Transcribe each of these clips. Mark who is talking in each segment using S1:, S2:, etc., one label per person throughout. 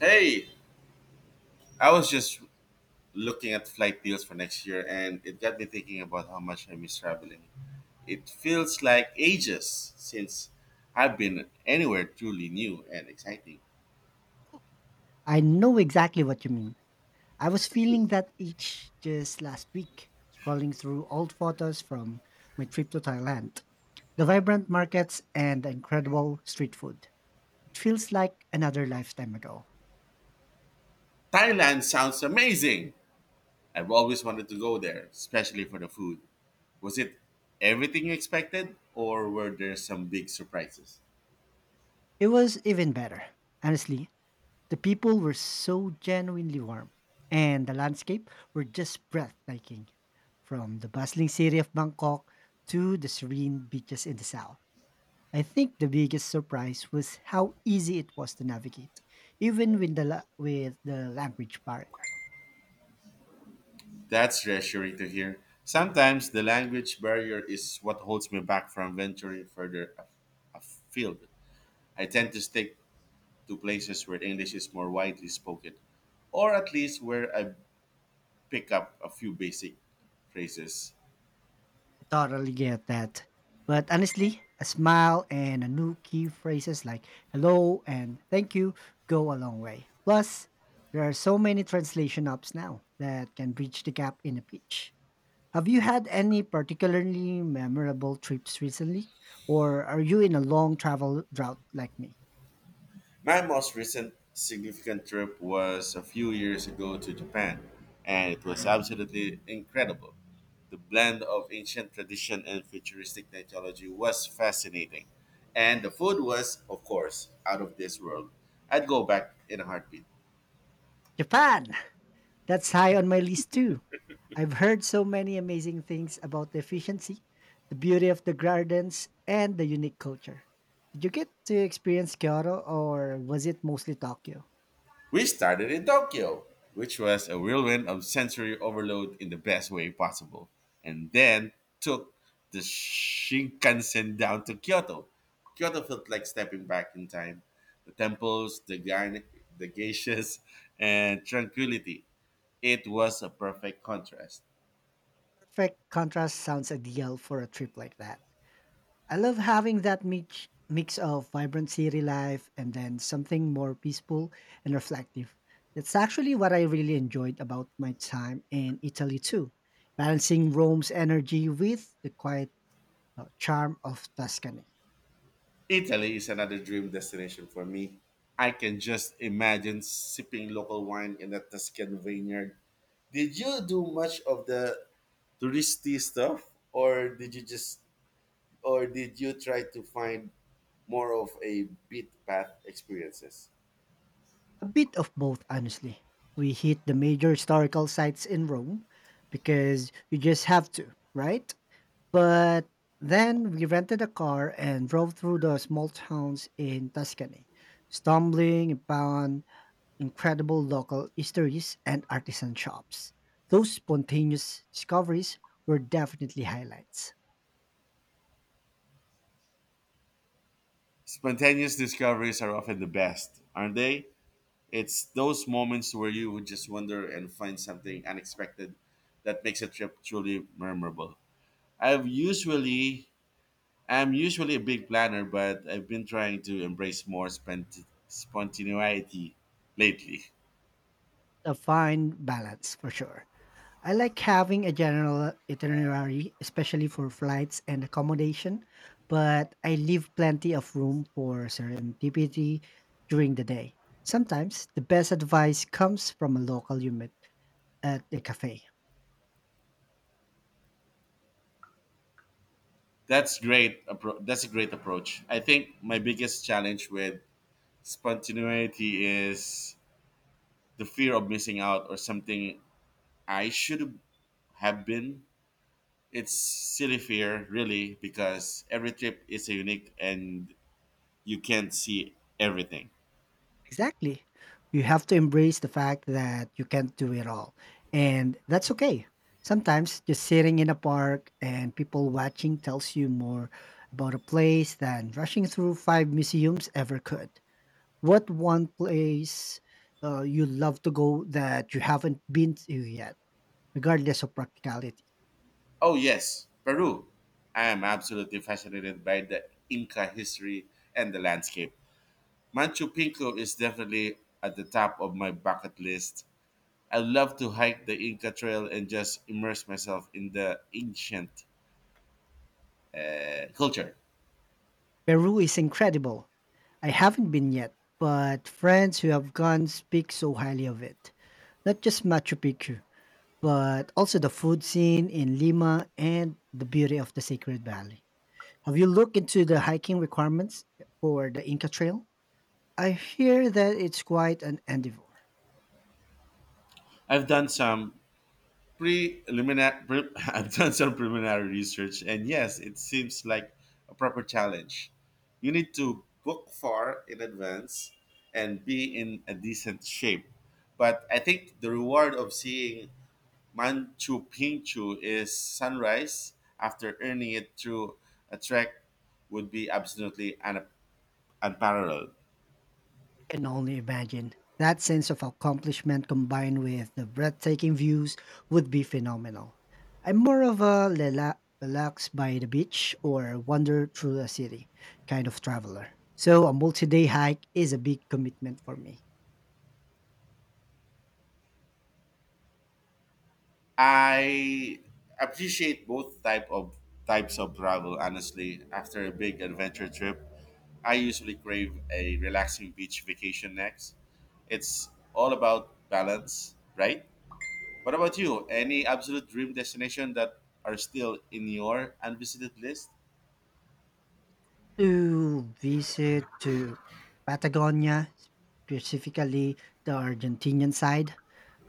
S1: Hey, I was just looking at flight deals for next year and it got me thinking about how much I miss traveling. It feels like ages since I've been anywhere truly new and exciting.
S2: I know exactly what you mean. I was feeling that itch just last week, scrolling through old photos from my trip to Thailand. The vibrant markets and the incredible street food. It feels like another lifetime ago.
S1: Thailand sounds amazing. I've always wanted to go there, especially for the food. Was it everything you expected or were there some big surprises?
S2: It was even better. Honestly, the people were so genuinely warm, and the landscape were just breathtaking, from the bustling city of Bangkok to the serene beaches in the south. I think the biggest surprise was how easy it was to navigate, even with the with the language barrier.
S1: That's reassuring to hear. Sometimes the language barrier is what holds me back from venturing afield. I tend to stick to places where English is more widely spoken, or at least where I pick up a few basic phrases.
S2: I totally get that. But honestly, a smile and a new key phrases like hello and thank you go a long way. Plus, there are so many translation apps now that can bridge the gap in a pitch. Have you had any particularly memorable trips recently? Or are you in a long travel drought like me?
S1: My most recent significant trip was a few years ago to Japan, and it was absolutely incredible. The blend of ancient tradition and futuristic technology was fascinating, and the food was, of course, out of this world. I'd go back in a heartbeat.
S2: Japan! That's high on my list too. I've heard so many amazing things about the efficiency, the beauty of the gardens, and the unique culture. Did you get to experience Kyoto or was it mostly Tokyo?
S1: We started in Tokyo, which was a whirlwind of sensory overload in the best way possible, and then took the Shinkansen down to Kyoto. Kyoto felt like stepping back in time. The temples, the geishas, and tranquility. It was a perfect contrast.
S2: Perfect contrast sounds ideal for a trip like that. I love having that mix of vibrant city life and then something more peaceful and reflective. That's actually what I really enjoyed about my time in Italy too, balancing Rome's energy with the quiet charm of Tuscany.
S1: Italy is another dream destination for me. I can just imagine sipping local wine in a Tuscan vineyard. Did you do much of the touristy stuff, or did you try to find more of a beat path experiences?
S2: A bit of both, honestly. We hit the major historical sites in Rome because you just have to, right? But then we rented a car and drove through the small towns in Tuscany, stumbling upon incredible local eateries and artisan shops. Those spontaneous discoveries were definitely highlights.
S1: Spontaneous discoveries are often the best, aren't they? It's those moments where you would just wonder and find something unexpected that makes a trip truly memorable. I've usually I'm usually a big planner, but I've been trying to embrace more spontaneity lately.
S2: A fine balance for sure. I like having a general itinerary, especially for flights and accommodation, but I leave plenty of room for serendipity during the day. Sometimes the best advice comes from a local you met at a cafe.
S1: That's a great approach. I think my biggest challenge with spontaneity is the fear of missing out or something I should have been. It's silly fear, really, because every trip is unique and you can't see everything.
S2: Exactly. You have to embrace the fact that you can't do it all. And that's okay. Sometimes just sitting in a park and people watching tells you more about a place than rushing through five museums ever could. What one place you love to go that you haven't been to yet? Regardless of practicality.
S1: Oh yes, Peru. I am absolutely fascinated by the Inca history and the landscape. Machu Picchu is definitely at the top of my bucket list. I love to hike the Inca Trail and just immerse myself in the ancient culture.
S2: Peru is incredible. I haven't been yet, but friends who have gone speak so highly of it. Not just Machu Picchu, but also the food scene in Lima and the beauty of the Sacred Valley. Have you looked into the hiking requirements for the Inca Trail? I hear that it's quite an endeavor.
S1: I've done some preliminary pre- I've done some preliminary research, and yes, it seems like a proper challenge. You need to book far in advance and be in a decent shape. But I think the reward of seeing Manchu Picchu is sunrise after earning it through a trek would be absolutely unparalleled.
S2: Can only imagine. That sense of accomplishment combined with the breathtaking views would be phenomenal. I'm more of a relax by the beach or wander through a city kind of traveler. So a multi-day hike is a big commitment for me.
S1: I appreciate both types of travel honestly. After a big adventure trip, I usually crave a relaxing beach vacation next. It's all about balance, right? What about you? Any absolute dream destination that are still in your unvisited list?
S2: To visit to Patagonia, specifically the Argentinian side,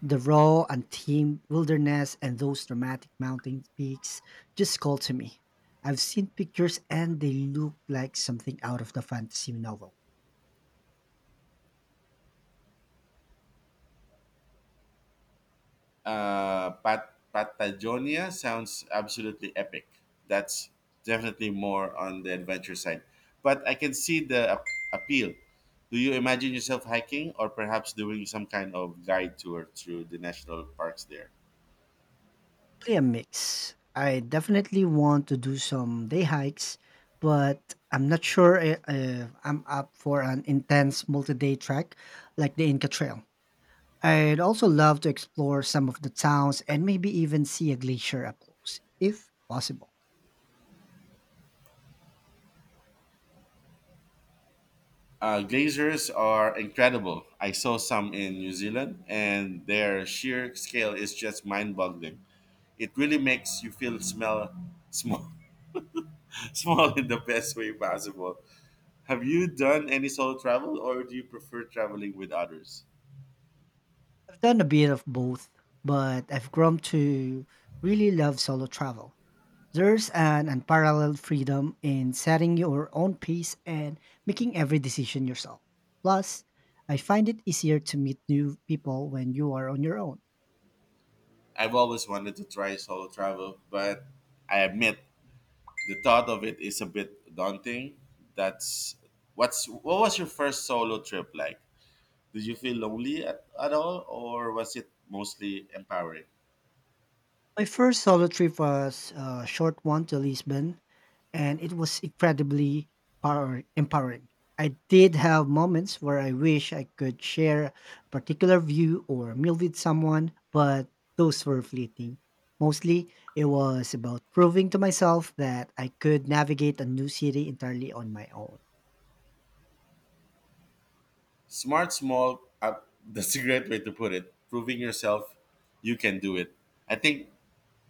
S2: the raw, untamed wilderness and those dramatic mountain peaks just call to me. I've seen pictures and they look like something out of the fantasy novel.
S1: Patagonia sounds absolutely epic. That's definitely more on the adventure side, but I can see the appeal. Do you imagine yourself hiking or perhaps doing some kind of guide tour through the national parks there?
S2: Probably a mix. I definitely want to do some day hikes, but I'm not sure if I'm up for an intense multi day trek like the Inca Trail. I'd also love to explore some of the towns and maybe even see a glacier up close, if possible.
S1: Glaciers are incredible. I saw some in New Zealand, and their sheer scale is just mind-boggling. It really makes you feel smell small, small in the best way possible. Have you done any solo travel or do you prefer traveling with others?
S2: I've done a bit of both, but I've grown to really love solo travel. There's an unparalleled freedom in setting your own pace and making every decision yourself. Plus, I find it easier to meet new people when you are on your own.
S1: I've always wanted to try solo travel, but I admit the thought of it is a bit daunting. That's what's what was your first solo trip like? Did you feel lonely at all or was it mostly empowering?
S2: My first solo trip was a short one to Lisbon, and it was incredibly empowering. I did have moments where I wish I could share a particular view or meal with someone, but those were fleeting. Mostly, it was about proving to myself that I could navigate a new city entirely on my own.
S1: Smart small that's a great way to put it. Proving yourself you can do it. I think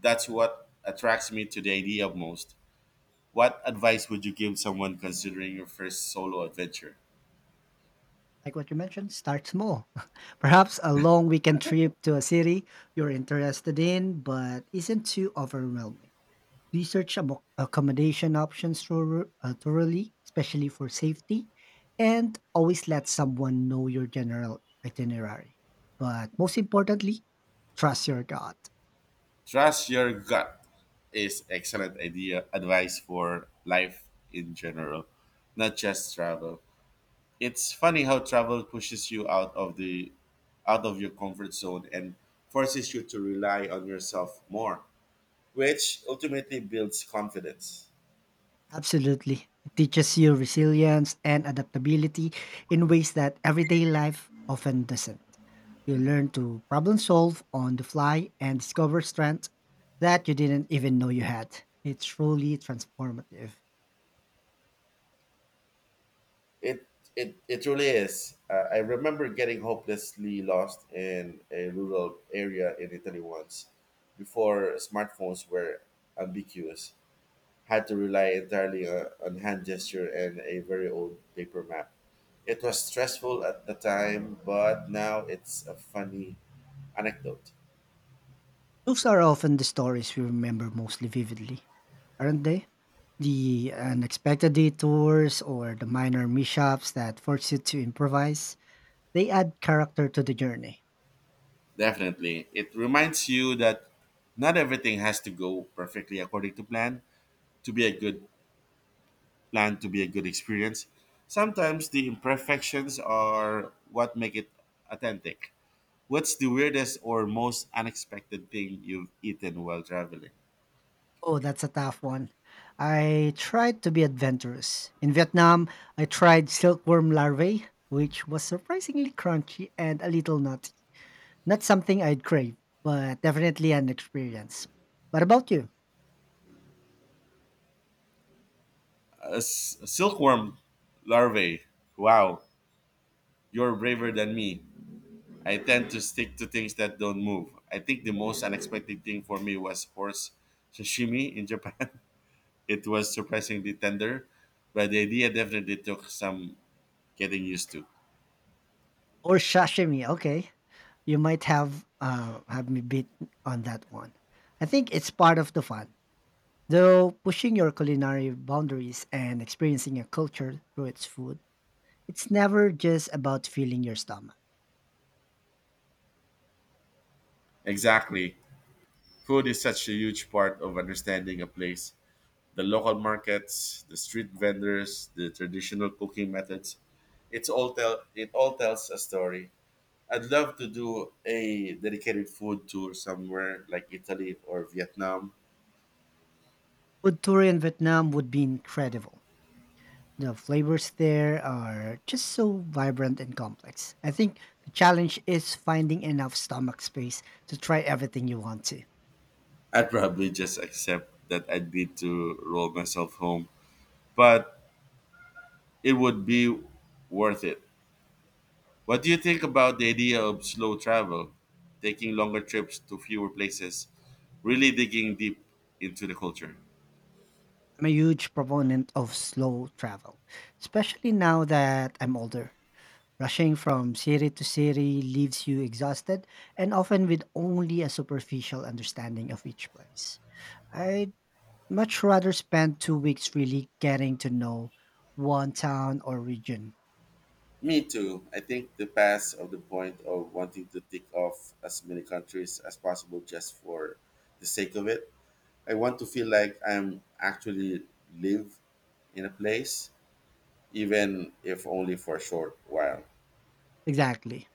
S1: that's what attracts me to the idea of most. What advice would you give someone considering your first solo adventure?
S2: Like what you mentioned, start small. Perhaps a long weekend trip to a city you're interested in, but isn't too overwhelming. Research accommodation options thoroughly, especially for safety, and always let someone know your general itinerary. But most importantly, trust your gut.
S1: Trust your gut is excellent idea advice for life in general, not just travel. It's funny how travel pushes you out of your comfort zone and forces you to rely on yourself more, which ultimately builds confidence.
S2: Absolutely. It teaches you resilience and adaptability in ways that everyday life often doesn't. You learn to problem solve on the fly and discover strengths that you didn't even know you had. It's truly transformative.
S1: It it really is. I remember getting hopelessly lost in a rural area in Italy once, before smartphones were ambiguous. Had to rely entirely on hand gesture and a very old paper map. It was stressful at the time, but now it's a funny anecdote.
S2: Those are often the stories we remember most vividly, aren't they? The unexpected detours or the minor mishaps that force you to improvise, they add character to the journey.
S1: Definitely. It reminds you that not everything has to go perfectly according to to be a good plan to be a good experience. Sometimes the imperfections are what make it authentic. What's the weirdest or most unexpected thing you've eaten while traveling?
S2: Oh, that's a tough one. I tried to be adventurous. In Vietnam, I tried silkworm larvae, which was surprisingly crunchy and a little nutty. Not something I'd crave, but definitely an experience. What about you?
S1: A silkworm larvae. Wow, you're braver than me. I tend to stick to things that don't move. I think the most unexpected thing for me was horse sashimi in Japan. It was surprisingly tender, but the idea definitely took some getting used to.
S2: Or sashimi, okay. You might have me beat on that one. I think it's part of the fun, though. Pushing your culinary boundaries and experiencing a culture through its food, it's never just about filling your stomach.
S1: Exactly. Food is such a huge part of understanding a place. The local markets, the street vendors, the traditional cooking methods. It all tells a story. I'd love to do a dedicated food tour somewhere like Italy or Vietnam.
S2: Food tour in Vietnam would be incredible. The flavors there are just so vibrant and complex. I think the challenge is finding enough stomach space to try everything you want to.
S1: I'd probably just accept that I'd need to roll myself home, but it would be worth it. What do you think about the idea of slow travel, taking longer trips to fewer places, really digging deep into the culture?
S2: I'm a huge proponent of slow travel, especially now that I'm older. Rushing from city to city leaves you exhausted and often with only a superficial understanding of each place. I'd much rather spend 2 weeks really getting to know one town or region.
S1: Me too. I think the point of wanting to tick off as many countries as possible just for the sake of it. I want to feel like I'm actually live in a place, even if only for a short while.
S2: Exactly.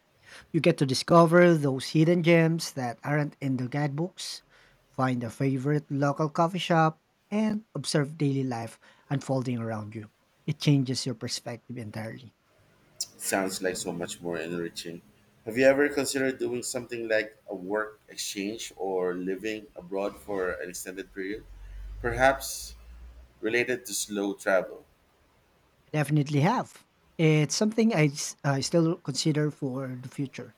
S2: You get to discover those hidden gems that aren't in the guidebooks, find a favorite local coffee shop, and observe daily life unfolding around you. It changes your perspective entirely.
S1: Sounds like so much more enriching. Have you ever considered doing something like a work exchange or living abroad for an extended period? Perhaps related to slow travel.
S2: I definitely have. It's something I still consider for the future.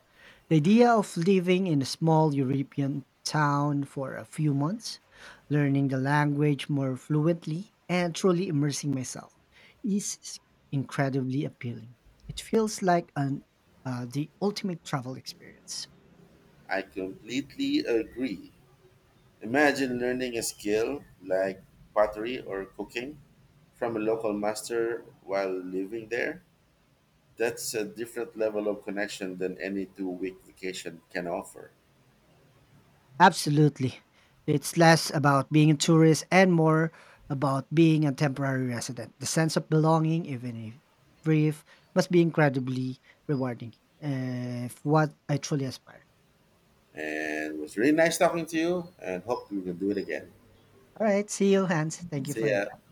S2: The idea of living in a small European town for a few months, learning the language more fluently, and truly immersing myself is incredibly appealing. It feels like an the ultimate travel experience.
S1: I completely agree. Imagine learning a skill like pottery or cooking from a local master while living there. That's a different level of connection than any 2-week vacation can offer.
S2: Absolutely. It's less about being a tourist and more about being a temporary resident. The sense of belonging, even if brief, must be incredibly rewarding. If what I truly aspire.
S1: And it was really nice talking to you and hope we can do it again.
S2: All right, see you, Hans. Thank you
S1: See
S2: for your
S1: ya.
S2: time.